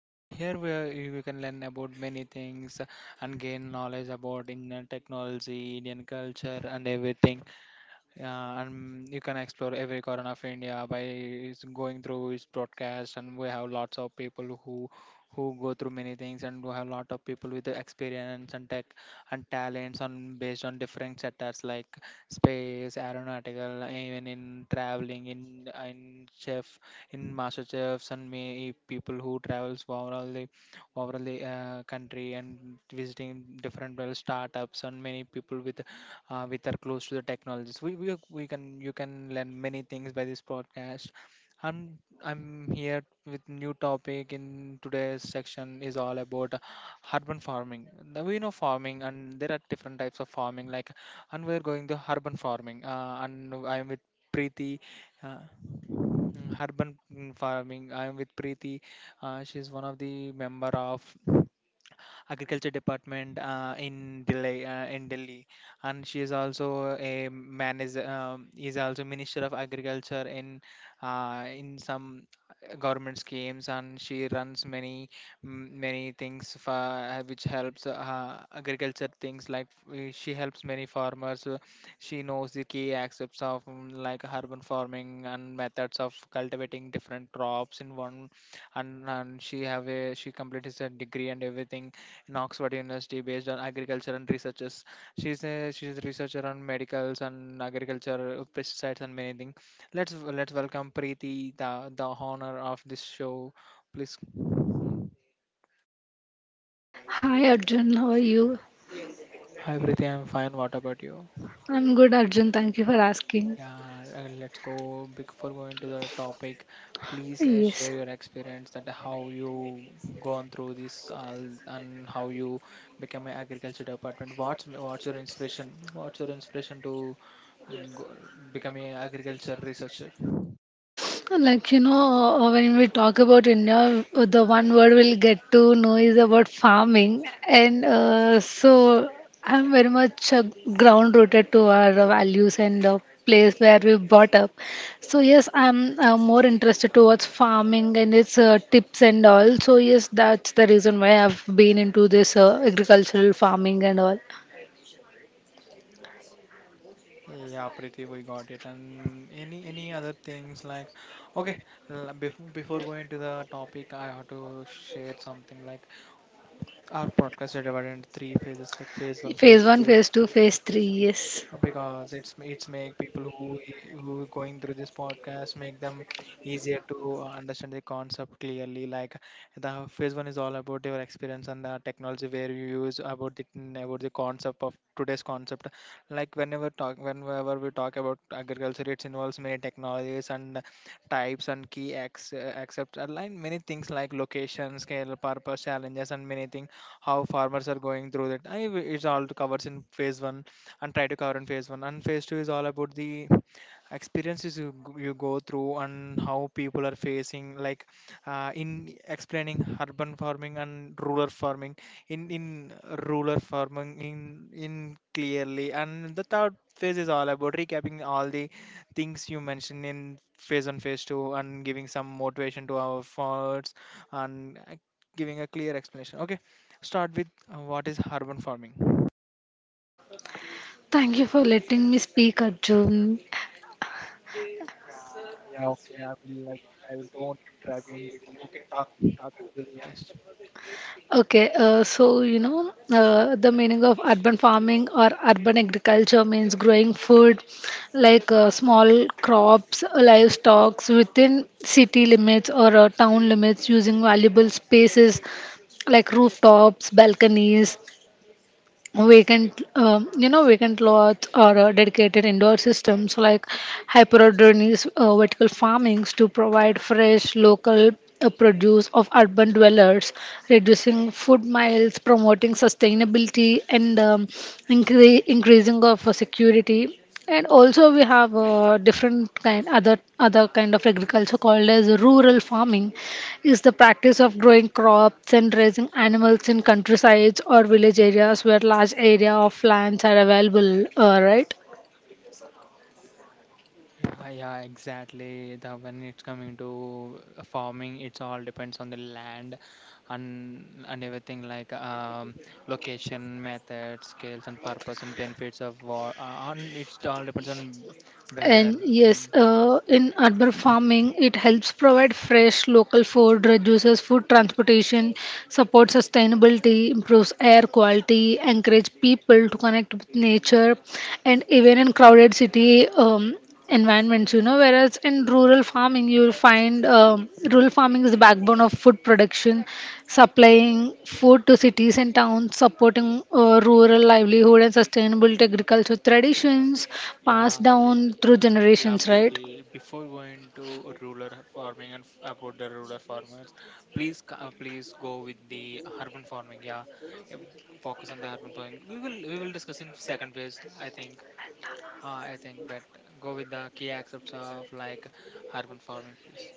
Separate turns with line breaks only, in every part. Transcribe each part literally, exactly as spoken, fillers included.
here where you can learn about many things and gain knowledge about Indian technology, Indian culture, and everything. Yeah, and you can explore every corner of India by s- going through his broadcast. And we have lots of people who who go through many things, and we have lot of people with the experience and tech and talents on based on different sectors like space, aeronautical, even in traveling, in in chef, in master chefs, and may people who travels overall the overall the uh, country and visiting different well startups and many people with uh, which are close to the technologies. We, we we can you can learn many things by this podcast. I'm I'm here with new topic in today's section is all about uh, urban farming. Now we know farming and there are different types of farming like and we're going to urban farming uh, and I'm with Preeti. Uh, Mm, urban mm, farming. I am with Preeti. Uh, she's one of the member of agriculture department uh, in Delhi, uh, in Delhi, and she is also a manager. Um, is also minister of agriculture in uh, in some government schemes, and she runs many m- many things for, uh, which helps uh, agriculture things like uh, she helps many farmers uh, she knows the key aspects of mm, like urban farming and methods of cultivating different crops in one, and, and she have a she completed her degree and everything in Oxford University based on agriculture and researches. She's a she's a researcher on medicals and agriculture, uh, pesticides and many things. Let's let's welcome Preeti, the the honor of this show. Please,
Hi Arjun, how are you?
hi Preeti, I'm fine. What about you?
I'm good, Arjun. Thank you for asking.
Yeah, uh, let's go before going to the topic. Please uh,
Yes,
share your experience that how you gone through this all and how you become an agriculture department. What's what's your inspiration? What's your inspiration to go, become a agriculture researcher?
like you know, uh, when we talk about India, uh, the one word we'll get to know is about farming, and uh, so I'm very much uh, ground rooted to our uh, values and uh, place where we brought up. So yes, I'm uh, more interested towards farming and its uh, tips and all. So yes, that's the reason why I've been into this uh, agricultural farming and all.
Yeah, Preeti, we got it. And any any other things like okay, before before going to the topic, I have to share something like our podcast is divided into three phases, like phase one, phase
Phase one,
two,
phase two, phase
phase
three,
three,
yes.
uh, because it's it's make people who i- who going through this podcast make them easier to uh, understand the concept clearly. Like the phase one is all about your experience and the technology where you use about the about the concept of today's concept. Like whenever talk whenever we talk about agriculture, it involves many technologies and types and key acts, uh, accepts align many things like location, scale, purpose, challenges, and many things how farmers are going through that. I it's all covers in phase one and try to cover in phase one. And phase two is all about the experiences you, g- you go through and how people are facing like uh, in explaining urban farming and rural farming in in rural farming in in clearly and the third phase is all about recapping all the things you mentioned in phase one phase two and giving some motivation to our farmers and uh, giving a clear explanation okay. Start with uh, what is urban farming?
Thank you for letting me speak, Arjun.
Yeah, okay, I will like I don't I will look at talk talk about yes.
Okay, uh, so you know, uh, the meaning of urban farming or urban agriculture means growing food like uh, small crops, livestock within city limits or uh, town limits using valuable spaces like rooftops, balconies, vacant um, you know vacant lots or uh, dedicated indoor systems like hyperodernies uh, vertical farmings to provide fresh local uh, produce of urban dwellers, reducing food miles, promoting sustainability, and um, incre- increasing of uh, security. And also we have uh, different kind, other other kind of agriculture called as rural farming, is the practice of growing crops and raising animals in countrysides or village areas where large area of lands are available, uh, right?
Yeah, yeah, exactly. The when it's coming to uh, farming, it's all depends on the land and and everything like um, location, method, scales, and purpose and benefits of war. Uh, and it's all depends on weather.
And yes, uh, in urban farming, it helps provide fresh local food, reduces food transportation, supports sustainability, improves air quality, encourage people to connect with nature, and even in crowded city, um, environments, you know. Whereas in rural farming, you'll find um, rural farming is the backbone of food production, supplying food to cities and towns, supporting uh, rural livelihood and sustainable agriculture traditions
Yeah,
passed
y-
down through
y- yeah,
generations, right?
Preeti. Before going to rural farming and f- about the rural farmers, please, c- uh, please go with the urban farming. Yeah, yeah, focus on the urban farming. We will, we will discuss in second phase, I think. Uh, I think, but go with the key aspects of like urban farming, please.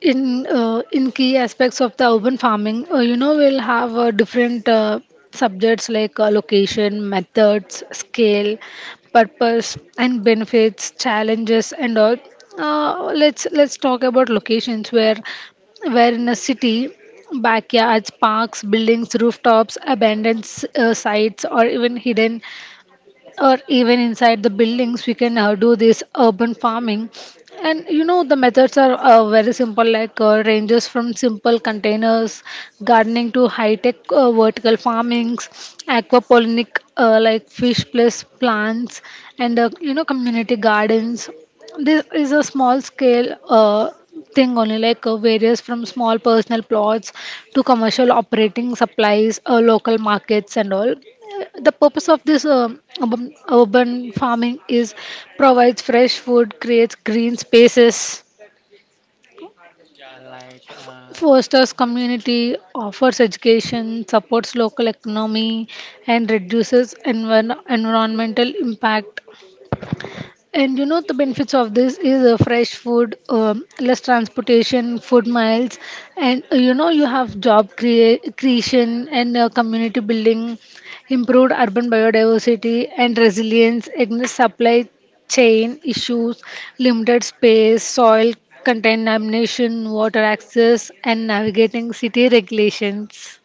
In uh, in key aspects of the urban farming uh, you know we'll have uh, different uh, subjects like uh, location, methods, scale, purpose and benefits, challenges, and all. Uh, let's let's talk about locations, where where in a city, backyards, parks, buildings, rooftops, abandoned s- uh, sites, or even hidden, or even inside the buildings, we can uh, do this urban farming. And you know, the methods are uh, very simple, like uh, ranges from simple containers gardening to high tech uh, vertical farmings, aquaponic, uh, like fish plus plants, and uh, you know community gardens. This is a small scale uh, thing only, like uh, various from small personal plots to commercial operating supplies, uh, local markets, and all. Uh, The purpose of this um urban, urban farming is provides fresh food, creates green spaces,
Yeah, like uh,
fosters community, offers education, supports local economy, and reduces envir- environmental impact. And you know, the benefits of this is uh, fresh food, um, less transportation, food miles, and uh, you know you have job crea- creation and uh, community building, improved urban biodiversity and resilience against supply chain issues, limited space, soil contamination, water access, and navigating city regulations.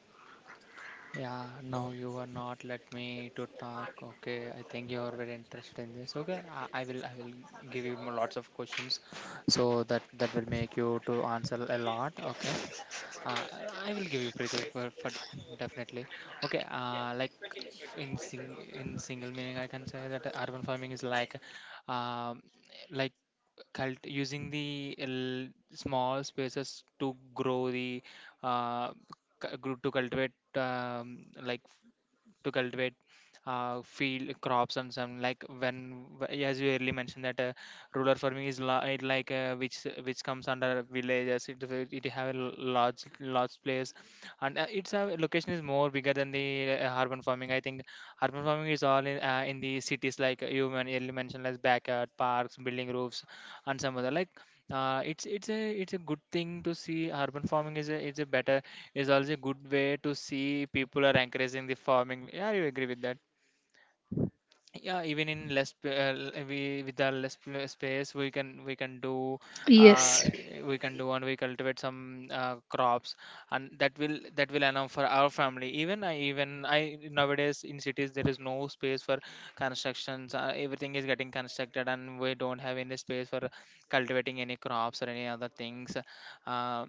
Yeah, now you are not let me to talk. Okay, I think you are very interested in this. Okay, I, I will I will give you more lots of questions, so that that will make you to answer a lot. Okay, uh, I will give you pretty for, for definitely. Okay, uh, like f- in sing in single meaning, I can say that urban farming is like, um, like cult using the l- small spaces to grow the uh c- gro- to cultivate um, like to cultivate uh, field crops and some like when w- as you earlier mentioned that uh, rural farming is la- it like uh, which which comes under villages it will- it have a l- large large place and uh, its uh, location is more bigger than the uh, urban farming. I think urban farming is all in, uh, in the cities like uh, you men- earlier mentioned as backyard parks building roofs and some other like uh, it's it's a it's a good thing to see urban farming is a it's a better is also a good way to see people are encouraging the farming. Yeah, you agree with that. Yeah, even in less p- uh, l- we with our less pl- space, we can we can do
Yes.
uh, we can do and we cultivate some uh, crops, and that will that will allow for our family. Even I even I nowadays in cities there is no space for constructions. Uh, everything is getting constructed, and we don't have any space for cultivating any crops or any other things. Uh,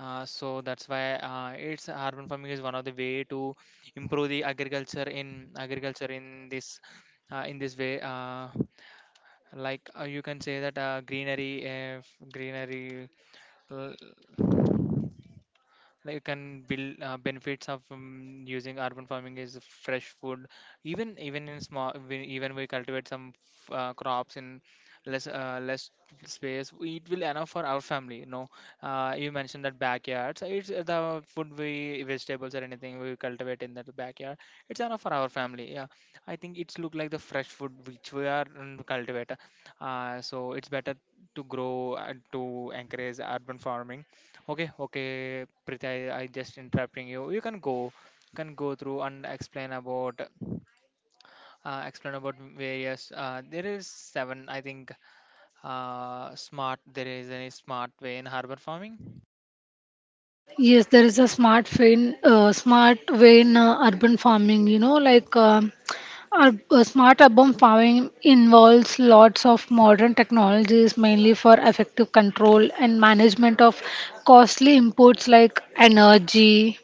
Uh, so that's why uh, it's urban farming is one of the way to improve the agriculture in agriculture in this uh, in this way. Uh, like uh, you can say that uh, greenery, uh, greenery. l- like you can build uh, benefits of um, using urban farming is fresh food even even in small we- even we cultivate some f- uh, crops in less uh, less space. We- it will enough for our family, you know uh, you mentioned that backyards it's the food we vegetables or anything we cultivate in that backyard it's enough for our family. Yeah, I think it's look like the fresh food which we are mm, cultivate, uh, so it's better to grow and to encourage urban farming. Okay, okay, Preeti, I, I just interrupting you. You can go, can go through and explain about, uh, explain about various. Uh, there is seven, I think. Uh, smart. There is a smart way in harbor farming.
Yes, there is a smart vein, uh, smart way in uh, urban farming. You know, like um ur- uh, smart urban farming involves lots of modern technologies, mainly for effective control and management of costly inputs like energy,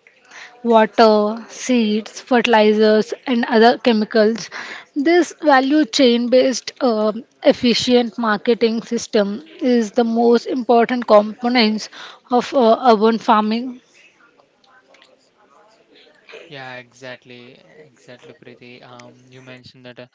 water, seeds, fertilizers, and other chemicals. This value chain based uh, efficient marketing system is the most important components of uh, urban farming.
Yeah, exactly, exactly, Preeti. Um, you mentioned that uh,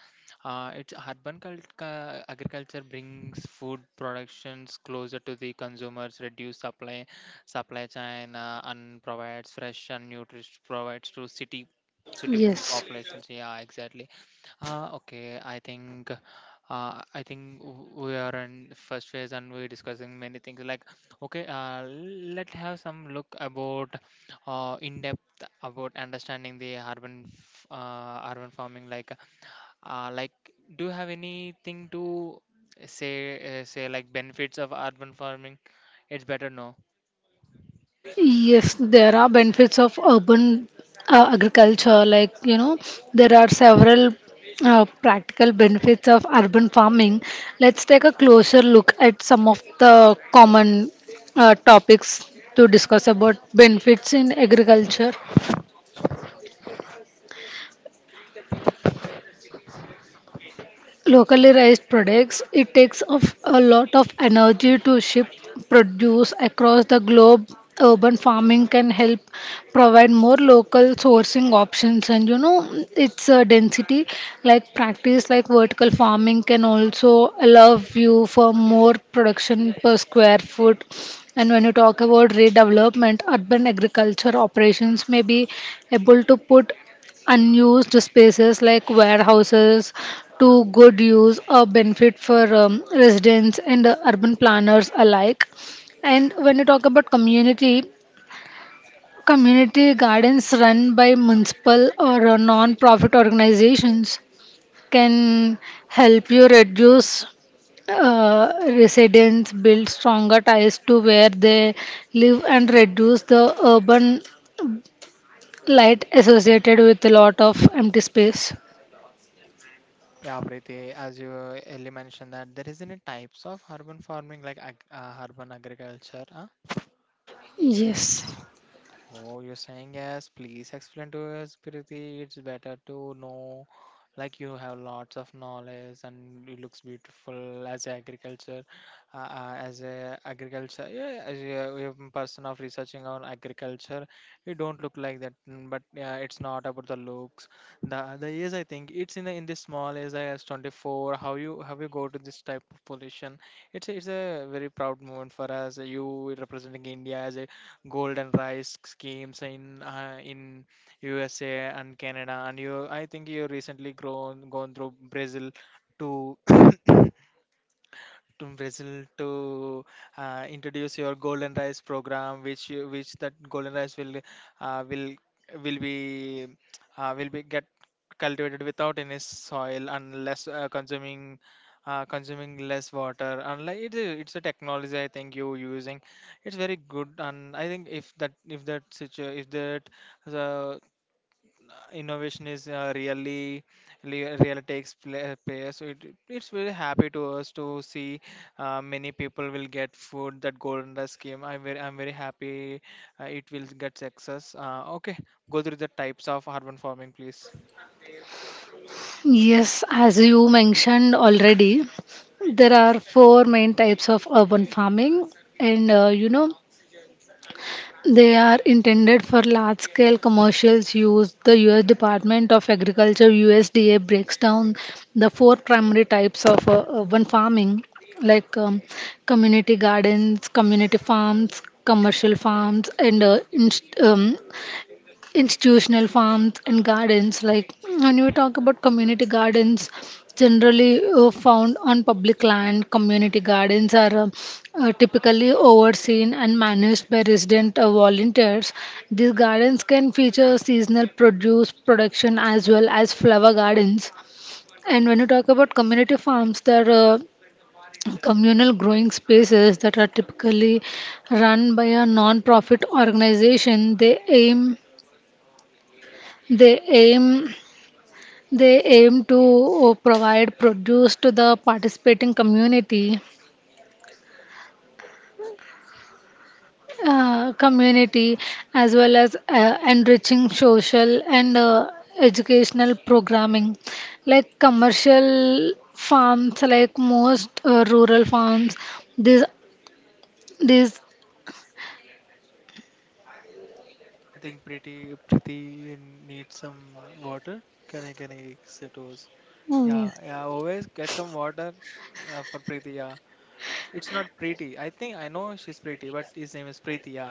uh, it's urban cult- ca- agriculture brings food productions closer to the consumers, reduce supply supply chain, uh, and provides fresh and nutritious provides to city city po-
Yes,
populations. Yeah, exactly. Uh, okay, I think uh, I think w- we are in first phase and we're discussing many things. Like, okay, uh, let's have some look about uh, in-depth about understanding the urban f- uh, urban farming like uh, like do you have anything to say uh, say like benefits of urban farming, it's better to know.
yes, there are benefits of urban uh, agriculture. Like, you know, there are several uh, practical benefits of urban farming. Let's take a closer look at some of the common uh, topics to discuss about benefits in agriculture. Locally raised products, it takes of a lot of energy to ship produce across the globe. Urban farming can help provide more local sourcing options, and you know, it's a density like practice like vertical farming can also allow you for more production per square foot. And when you talk about redevelopment, urban agriculture operations may be able to put unused spaces like warehouses to good use or benefit for um, residents and uh, urban planners alike. And when you talk about community, community gardens run by municipal or uh, non-profit organizations can help you reduce uh, residents, build stronger ties to where they live, and reduce the urban light associated with a lot of empty space.
Yeah Preeti, as you earlier mentioned that there is any types of urban farming like ag- uh, urban agriculture, huh?
Yes.
Oh, you're saying yes. Please explain to us, Priti. It's better to know. Like you have lots of knowledge and it looks beautiful as a agriculture, uh, uh, as a agriculture, yeah, yeah, as a um, person of researching on agriculture. You don't look like that, mm, but yeah, it's not about the looks. The the age I think it's in the in this small age, I was twenty-four. How you how you go to this type of position? It's a- it's a very proud moment for us. You representing India as a golden rice schemes in uh, in U S A and Canada, and you I think you recently grown gone through Brazil to to Brazil to uh, introduce your golden rice program, which you- which that golden rice will uh, will will be uh, will be get cultivated without any soil unless uh, consuming uh, consuming less water. And like it, is- it's a technology I think you using. It's very good, and I think if that if that situ if that the uh, innovation is uh, really really really takes pla- place, so it, it's very happy to us to see uh, many people will get food that golden Dust scheme. I'm very i'm very happy, uh, it will get success. Uh, okay, go through the types of urban farming, please.
Yes, as you mentioned already, there are four main types of urban farming, and uh, you know, they are intended for large scale commercials use. The U S Department of Agriculture, U S D A, breaks down the four primary types of uh, urban farming, like um, community gardens, community farms, commercial farms, and uh, inst- um, institutional farms and gardens. Like when we talk about community gardens, generally uh, found on public land, community gardens are uh, uh, typically overseen and managed by resident uh, volunteers. These gardens can feature seasonal produce production as well as flower gardens. And when you talk about community farms, there are uh, communal growing spaces that are typically run by a non-profit organization. They aim they aim they aim to uh, provide produce to the participating community uh, community, as well as uh, enriching social and uh, educational programming. Like commercial farms, like most uh, rural farms, these these
I think pretty pretty needs some water. Can i can i sit overs. Yeah, yeah, always get some water uh, for Preeti, yeah. It's not pretty. I think I know she's pretty, but his name is Preeti, yeah.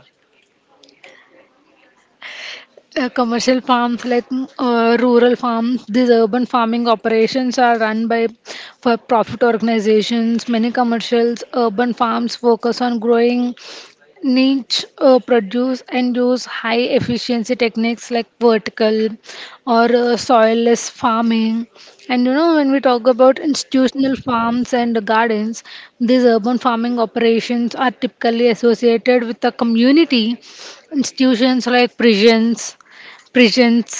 uh, commercial farms, like mm, uh, rural farms, these urban farming operations are run by for profit organizations. Many commercials urban farms focus on growing niche uh, produce and use high efficiency techniques like vertical or uh, soilless farming. And you know, when we talk about institutional farms and gardens, these urban farming operations are typically associated with the community institutions like prisons, prisons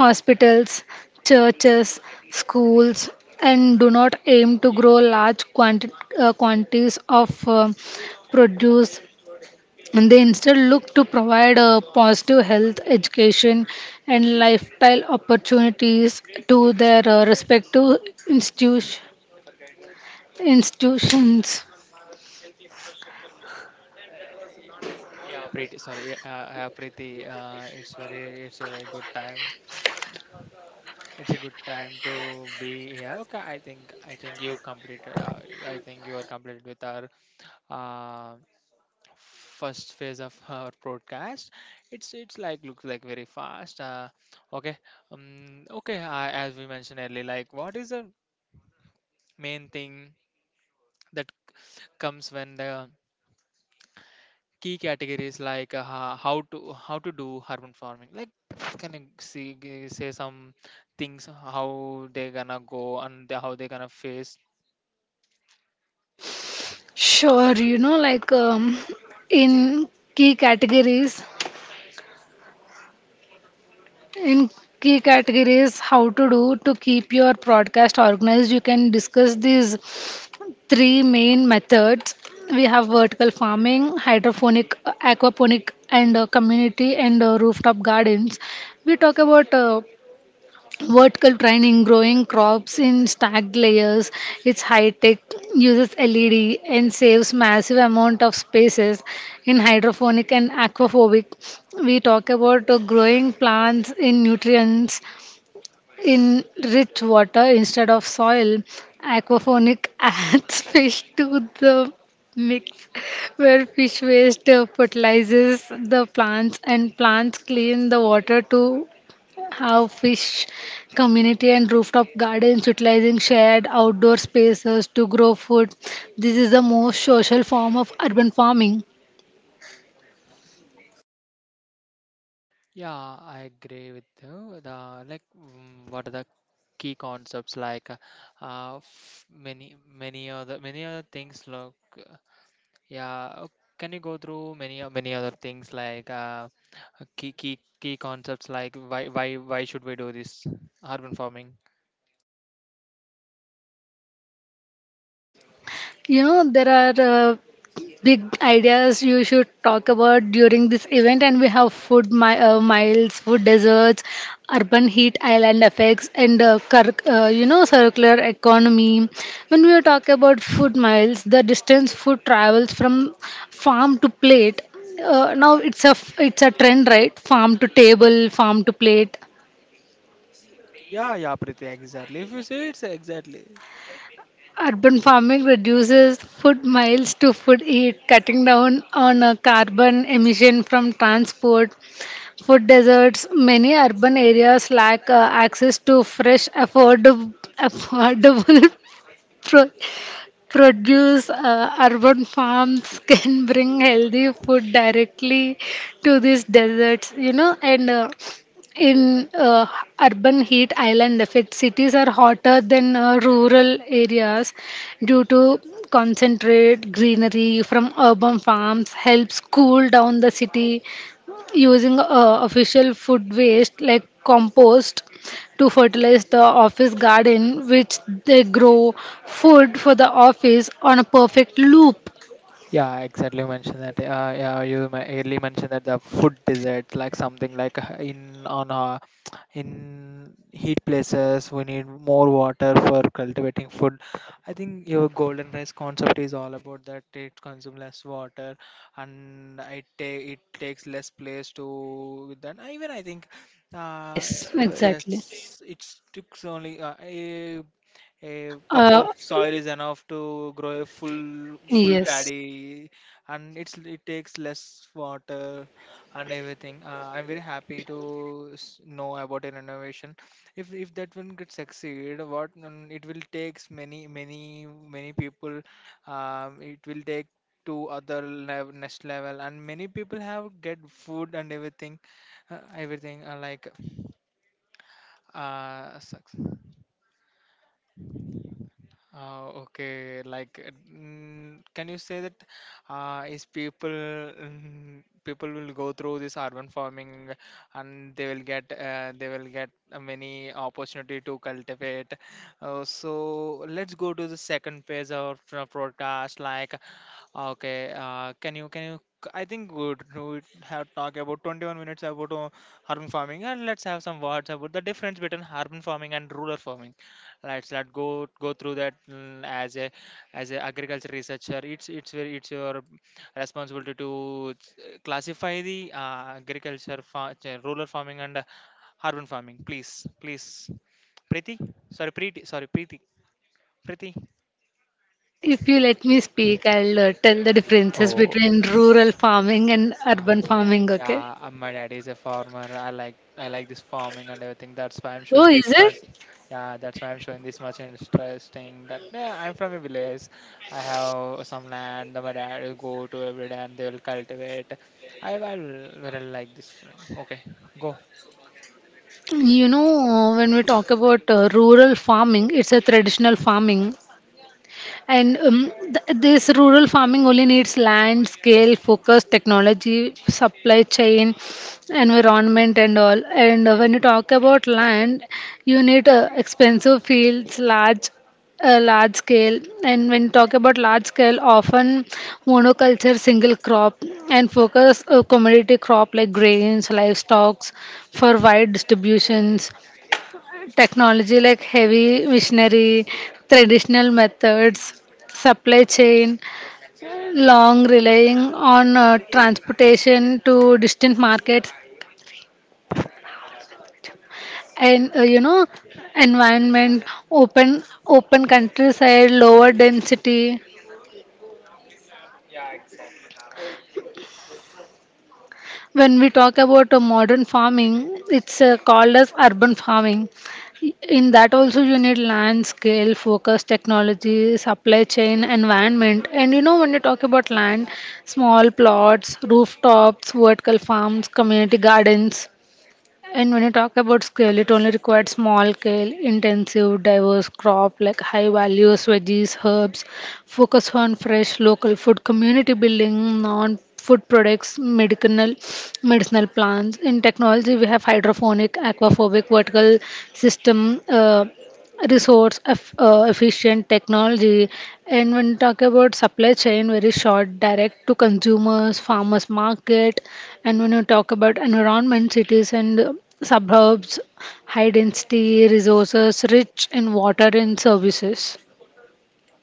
hospitals, churches, schools, and do not aim to grow large quanti- uh, quantities of uh, produce, and they instead look to provide a positive health education and lifestyle opportunities to their uh, respective institution, institutions.
Yeah, Preeti. Sorry, uh, uh, yeah, Preeti. Uh, it's very, it's a very good time. It's a good time to be here. Okay, I think, I think you completed. Uh, I think you are completed with our uh, first phase of our broadcast. It's, it's like looks like very fast. Uh, okay, um, okay. Uh, as we mentioned earlier, like what is the main thing that comes when the key categories like uh, ho- how to how to do urban farming. Like, can you see g- say some things how they gonna go and the- how they gonna face?
Sure, you know, like um, in key categories in key categories, how to do to keep your broadcast organized, you can discuss these three main methods. We have vertical farming, hydroponic, uh, aquaponic, and uh, community and uh, rooftop gardens. We talk about uh, vertical training, growing crops in stacked layers. It's high tech, uses led, and saves massive amount of spaces. In hydroponic and aquaphobic, we talk about uh, growing plants in nutrients in rich water instead of soil. Aquaponic adds fish to the mix, where fish waste uh, fertilizes the plants, and plants clean the water to have fish. Community and rooftop gardens utilizing shared outdoor spaces to grow food. This is the most social form of urban farming.
Yeah, I agree with you. The like mm, what are the key concepts like uh, uh, f- many many other many other things. Look, yeah, uh, can you go through many o- many other things like uh, key key key concepts like why why why should we do this urban farming?
You know, there are uh, big ideas you should talk about during this event, and we have food mi- uh, miles, food deserts, urban heat island effects, and uh, cur- uh, you know, circular economy. When we talk about food miles, the distance food travels from farm to plate. Uh, now it's a f- it's a trend, right? Farm to table, farm to plate.
Yeah, yeah, Priti, exactly. If you say it's exactly.
Urban farming reduces food miles to food eat, cutting down on uh, carbon emission from transport, food deserts. Many urban areas lack uh, access to fresh, affordable, affordable pro- produce. Uh, urban farms can bring healthy food directly to these deserts, you know. And uh, in uh, urban heat island effect, cities are hotter than uh, rural areas due to concentrate greenery. From urban farms helps cool down the city, using uh, official food waste like compost to fertilize the office garden, which they grow food for the office on a perfect loop.
Yeah, exactly. You mentioned that. Uh, yeah, you ma- early mentioned that the food desert, like something like uh, in on uh, in heat places, we need more water for cultivating food. I think your golden rice concept is all about that. It consumes less water, and it take it takes less place to then. Even I think, uh,
Yes,
w-
exactly.
yes, it took only uh, eh, a cup
uh,
of soil is enough to grow a full full
yes
paddy, and it's it takes less water and everything. Uh, I'm very happy to s- know about an innovation. If if that one could succeed, what mm, it will takes many many many people. Um, it will take to other level, next level, and many people have get food and everything, uh, everything uh, like uh, success. Uh, okay, like, uh, mm, can you say that uh, is people, mm, people will go through this urban farming and they will get uh, they will get uh, many opportunity to cultivate. Uh, so let's go to the second phase of our podcast. Like, okay, uh, can you can you? I think good. We would- we have talked about twenty-one minutes about uh, urban farming, and let's have some words about the difference between urban farming and rural farming. Let's let go go through that, mm, as a as a agriculture researcher. It's it's very it's your responsibility to uh, classify the uh, agriculture, fa- uh, rural farming and uh, urban farming. Please, please, Preeti, sorry, Preeti, sorry, Preeti, Preeti.
if you let me speak, I'll uh, tell the differences
Oh,
between rural farming and
sorry.
urban farming, okay?
Yeah, uh, my dad is a farmer. I like I like this farming and everything. That's why I'm
Oh,
showing this
is
much.
it?
Yeah, that's why I'm showing this much interesting. That yeah, I'm from a village. I have some land that my dad will go to every day and they will cultivate. I, I really like this feeling. Okay, go.
You know, uh, when we talk about uh, rural farming, it's a traditional farming. And um, th- this rural farming only needs land, scale, focus, technology, supply chain, environment, and all. And uh, when you talk about land, you need uh, expensive fields, large a large scale. And when you talk about large scale, often monoculture, single crop, and focus uh, commodity crop like grains, livestock, for wide distributions. Technology like heavy machinery, traditional methods, supply chain, long relying on uh, transportation to distant markets, and uh, you know, environment, open open countryside, lower density. When we talk about uh, modern farming, it's uh, called as urban farming. In that also you need land, scale, focus, technology, supply chain, environment. And you know, when you talk about land, small plots, rooftops, vertical farms, community gardens. And when you talk about scale, it only required small scale, intensive, diverse crop like high values, veggies, herbs, focus on fresh local food, community building, non food products, medicinal medicinal plants. In technology, we have hydroponic, aquaphobic, vertical system. Uh, resource eff- uh, efficient technology. And when we talk about supply chain, very short, direct to consumers, farmers market. And when you talk about environment, cities and uh, suburbs, high density, resources rich in water and services.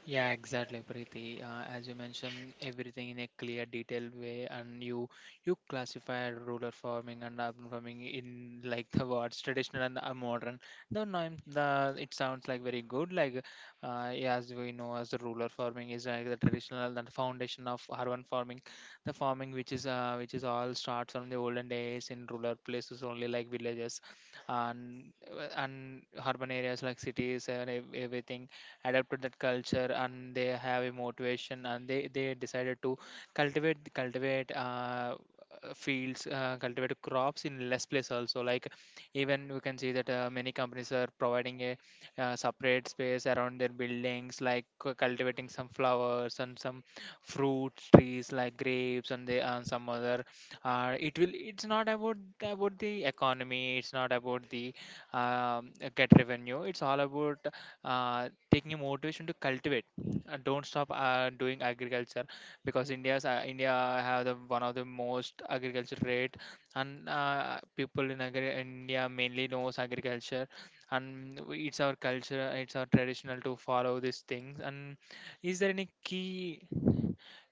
Yeah, exactly, Preeti. Uh, as you mentioned, everything in a clear, detailed way, and you you classify rural farming and urban farming in like the words traditional and uh, modern. The name, the it sounds like very good. Like, uh, yeah, as we know, as the rural farming is like the traditional, the foundation of urban farming, the farming which is uh, which is all starts from the olden days in rural places only, like villages, and and urban areas like cities and ev- everything adapt to that culture, and they have a motivation, and they they decided to cultivate cultivate uh, uh, fields, uh, cultivate crops in less place also. Like even we can see that uh, many companies are providing a uh, separate space around their buildings, like cu- cultivating some flowers and some fruit trees like grapes and the and some other. Uh, it will it's not about about the economy. It's not about the um, uh, get revenue. It's all about uh, taking a motivation to cultivate. Uh, don't stop uh, doing agriculture, because India's, uh, India have the one of the most agriculture rate. And uh, people in agri- India mainly knows agriculture, and we- it's our culture, it's our traditional to follow these things. And is there any key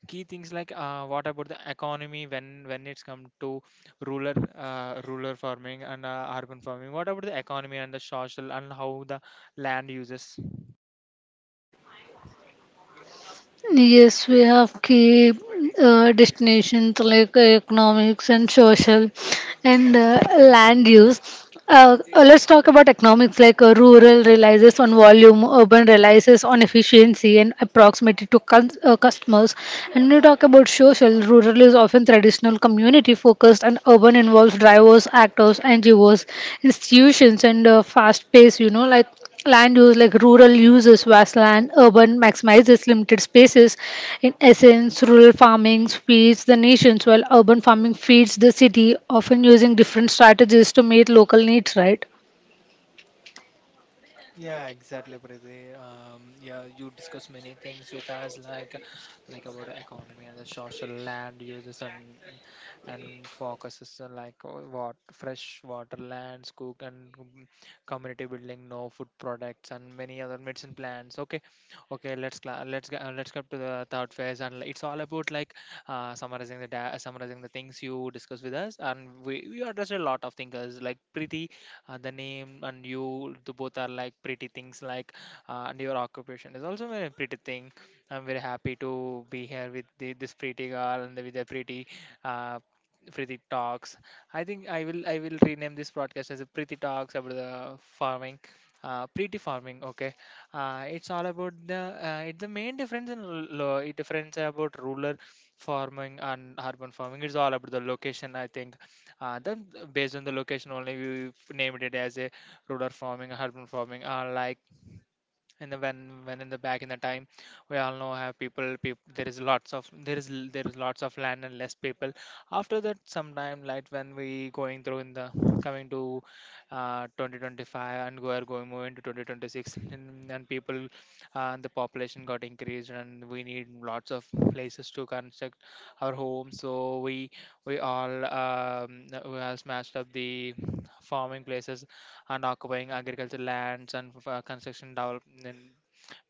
key things like uh, what about the economy when when it's come to rural, uh, rural farming and uh, urban farming? What about the economy and the social and how the land uses?
Yes, we have key uh, destinations like economics and social and uh, land use. Uh, uh, let's talk about economics, like uh, rural relies on volume, urban relies on efficiency and proximity to cus- uh, customers. And when you talk about social, rural is often traditional community focused, and urban involves drivers, actors, N G Os, institutions, and uh, fast pace, you know, like. Land use like rural uses vast land, urban maximizes limited spaces. In essence, rural farming feeds the nations, while urban farming feeds the city, often using different strategies to meet local needs, right?
Yeah, exactly, Priti. Um, yeah, you discuss many things with us, like like about the economy and the social land uses and and focuses on like uh, what fresh water lands, cook and com- community building, no food products, and many other medicine plants. Okay, okay, let's cla let's go, uh, let's go to the third phase, and it's all about like uh, summarizing the da summarizing the things you discuss with us, and we we address a lot of things like Priti. Uh, the name and you the both are like pretty things. Like, uh, and your occupation is also very pretty thing. I'm very happy to be here with the this pretty girl and with the pretty uh, pretty talks. I think i will I will rename this broadcast as a pretty talks about the farming, uh, pretty farming. Okay, uh, it's all about the uh, it's the main difference in l- lo- it difference about rural farming and urban farming. It's all about the location, I think. Uh, then, uh, based on the location, only we named it as a rural farming, urban farming, uh, like. And then when when in the back in the time, we all know have people, people, there is lots of there is l- there is lots of land and less people. After that sometime, like when we going through in the coming to uh, twenty twenty-five, and we are going moving to twenty twenty-six, and, and people, uh, the population got increased, and we need lots of places to construct our home. So we we all, um, we all smashed up the farming places and occupying agricultural lands and f- uh, construction development,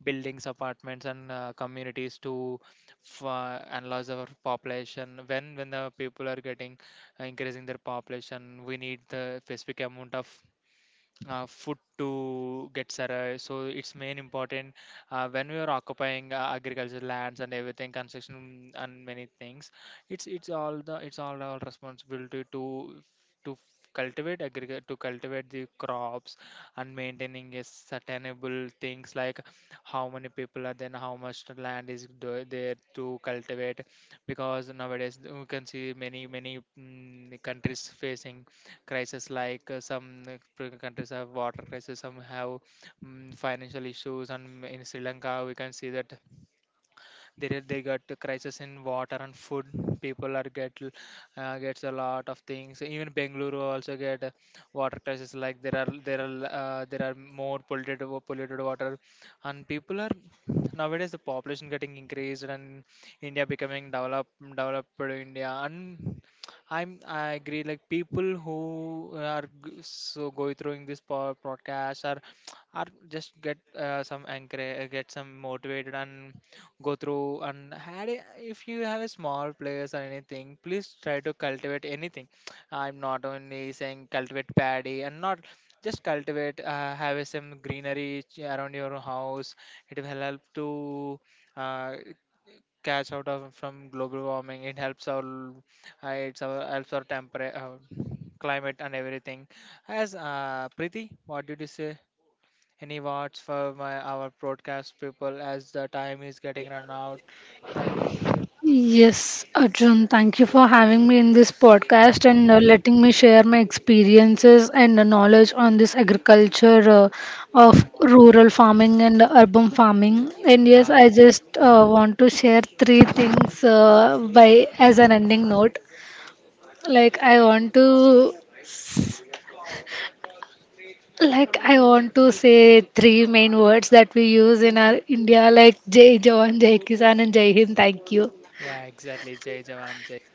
buildings, apartments, and uh, communities to f- uh, enlarge our population. When when the people are getting uh, increasing their population, we need the specific amount of uh, food to get survived. So it's main important uh, when we are occupying uh, agriculture lands and everything, construction and many things. It's it's all the it's all our responsibility to to cultivate agric to cultivate the crops and maintaining a sustainable things, like how many people are then, how much land is do- there to cultivate, because nowadays you can see many many mm, countries facing crisis, like uh, some uh, pr- countries have water crisis, some have mm, financial issues, and in Sri Lanka we can see that they they got a crisis in water and food. People are get l- uh, gets a lot of things. Even Bengaluru also get a water crisis. Like there are there are uh, there are more polluted wa- polluted water, and people are, nowadays the population getting increased, and India becoming developed, developed India. And I'm I agree, like people who are g- so going through this po- podcast are are just get uh, some anchor, get some motivated and go through. And had a, if you have a small place or anything, please try to cultivate anything. I'm not only saying cultivate paddy and not, just cultivate, uh, have some greenery ch- around your house. It will help to uh, catch out of from global warming. It helps our uh, it's our helps our temper uh, climate and everything. As uh, Preeti, what did you say? Any words for my our broadcast people as the time is getting run out? Like,
Yes, Arjun, thank you for having me in this podcast and uh, letting me share my experiences and uh, knowledge on this agriculture uh, of
yeah,
rural farming and urban farming. And yes,
yeah,
I just uh, want to share three things uh, by as an ending note. Like I want to like I want to say three main words that we use in our India, like Jai Jawan, Jai Kisan, and Jai Hind. Thank you.
yeah, exactly. Jai Jawan, Jai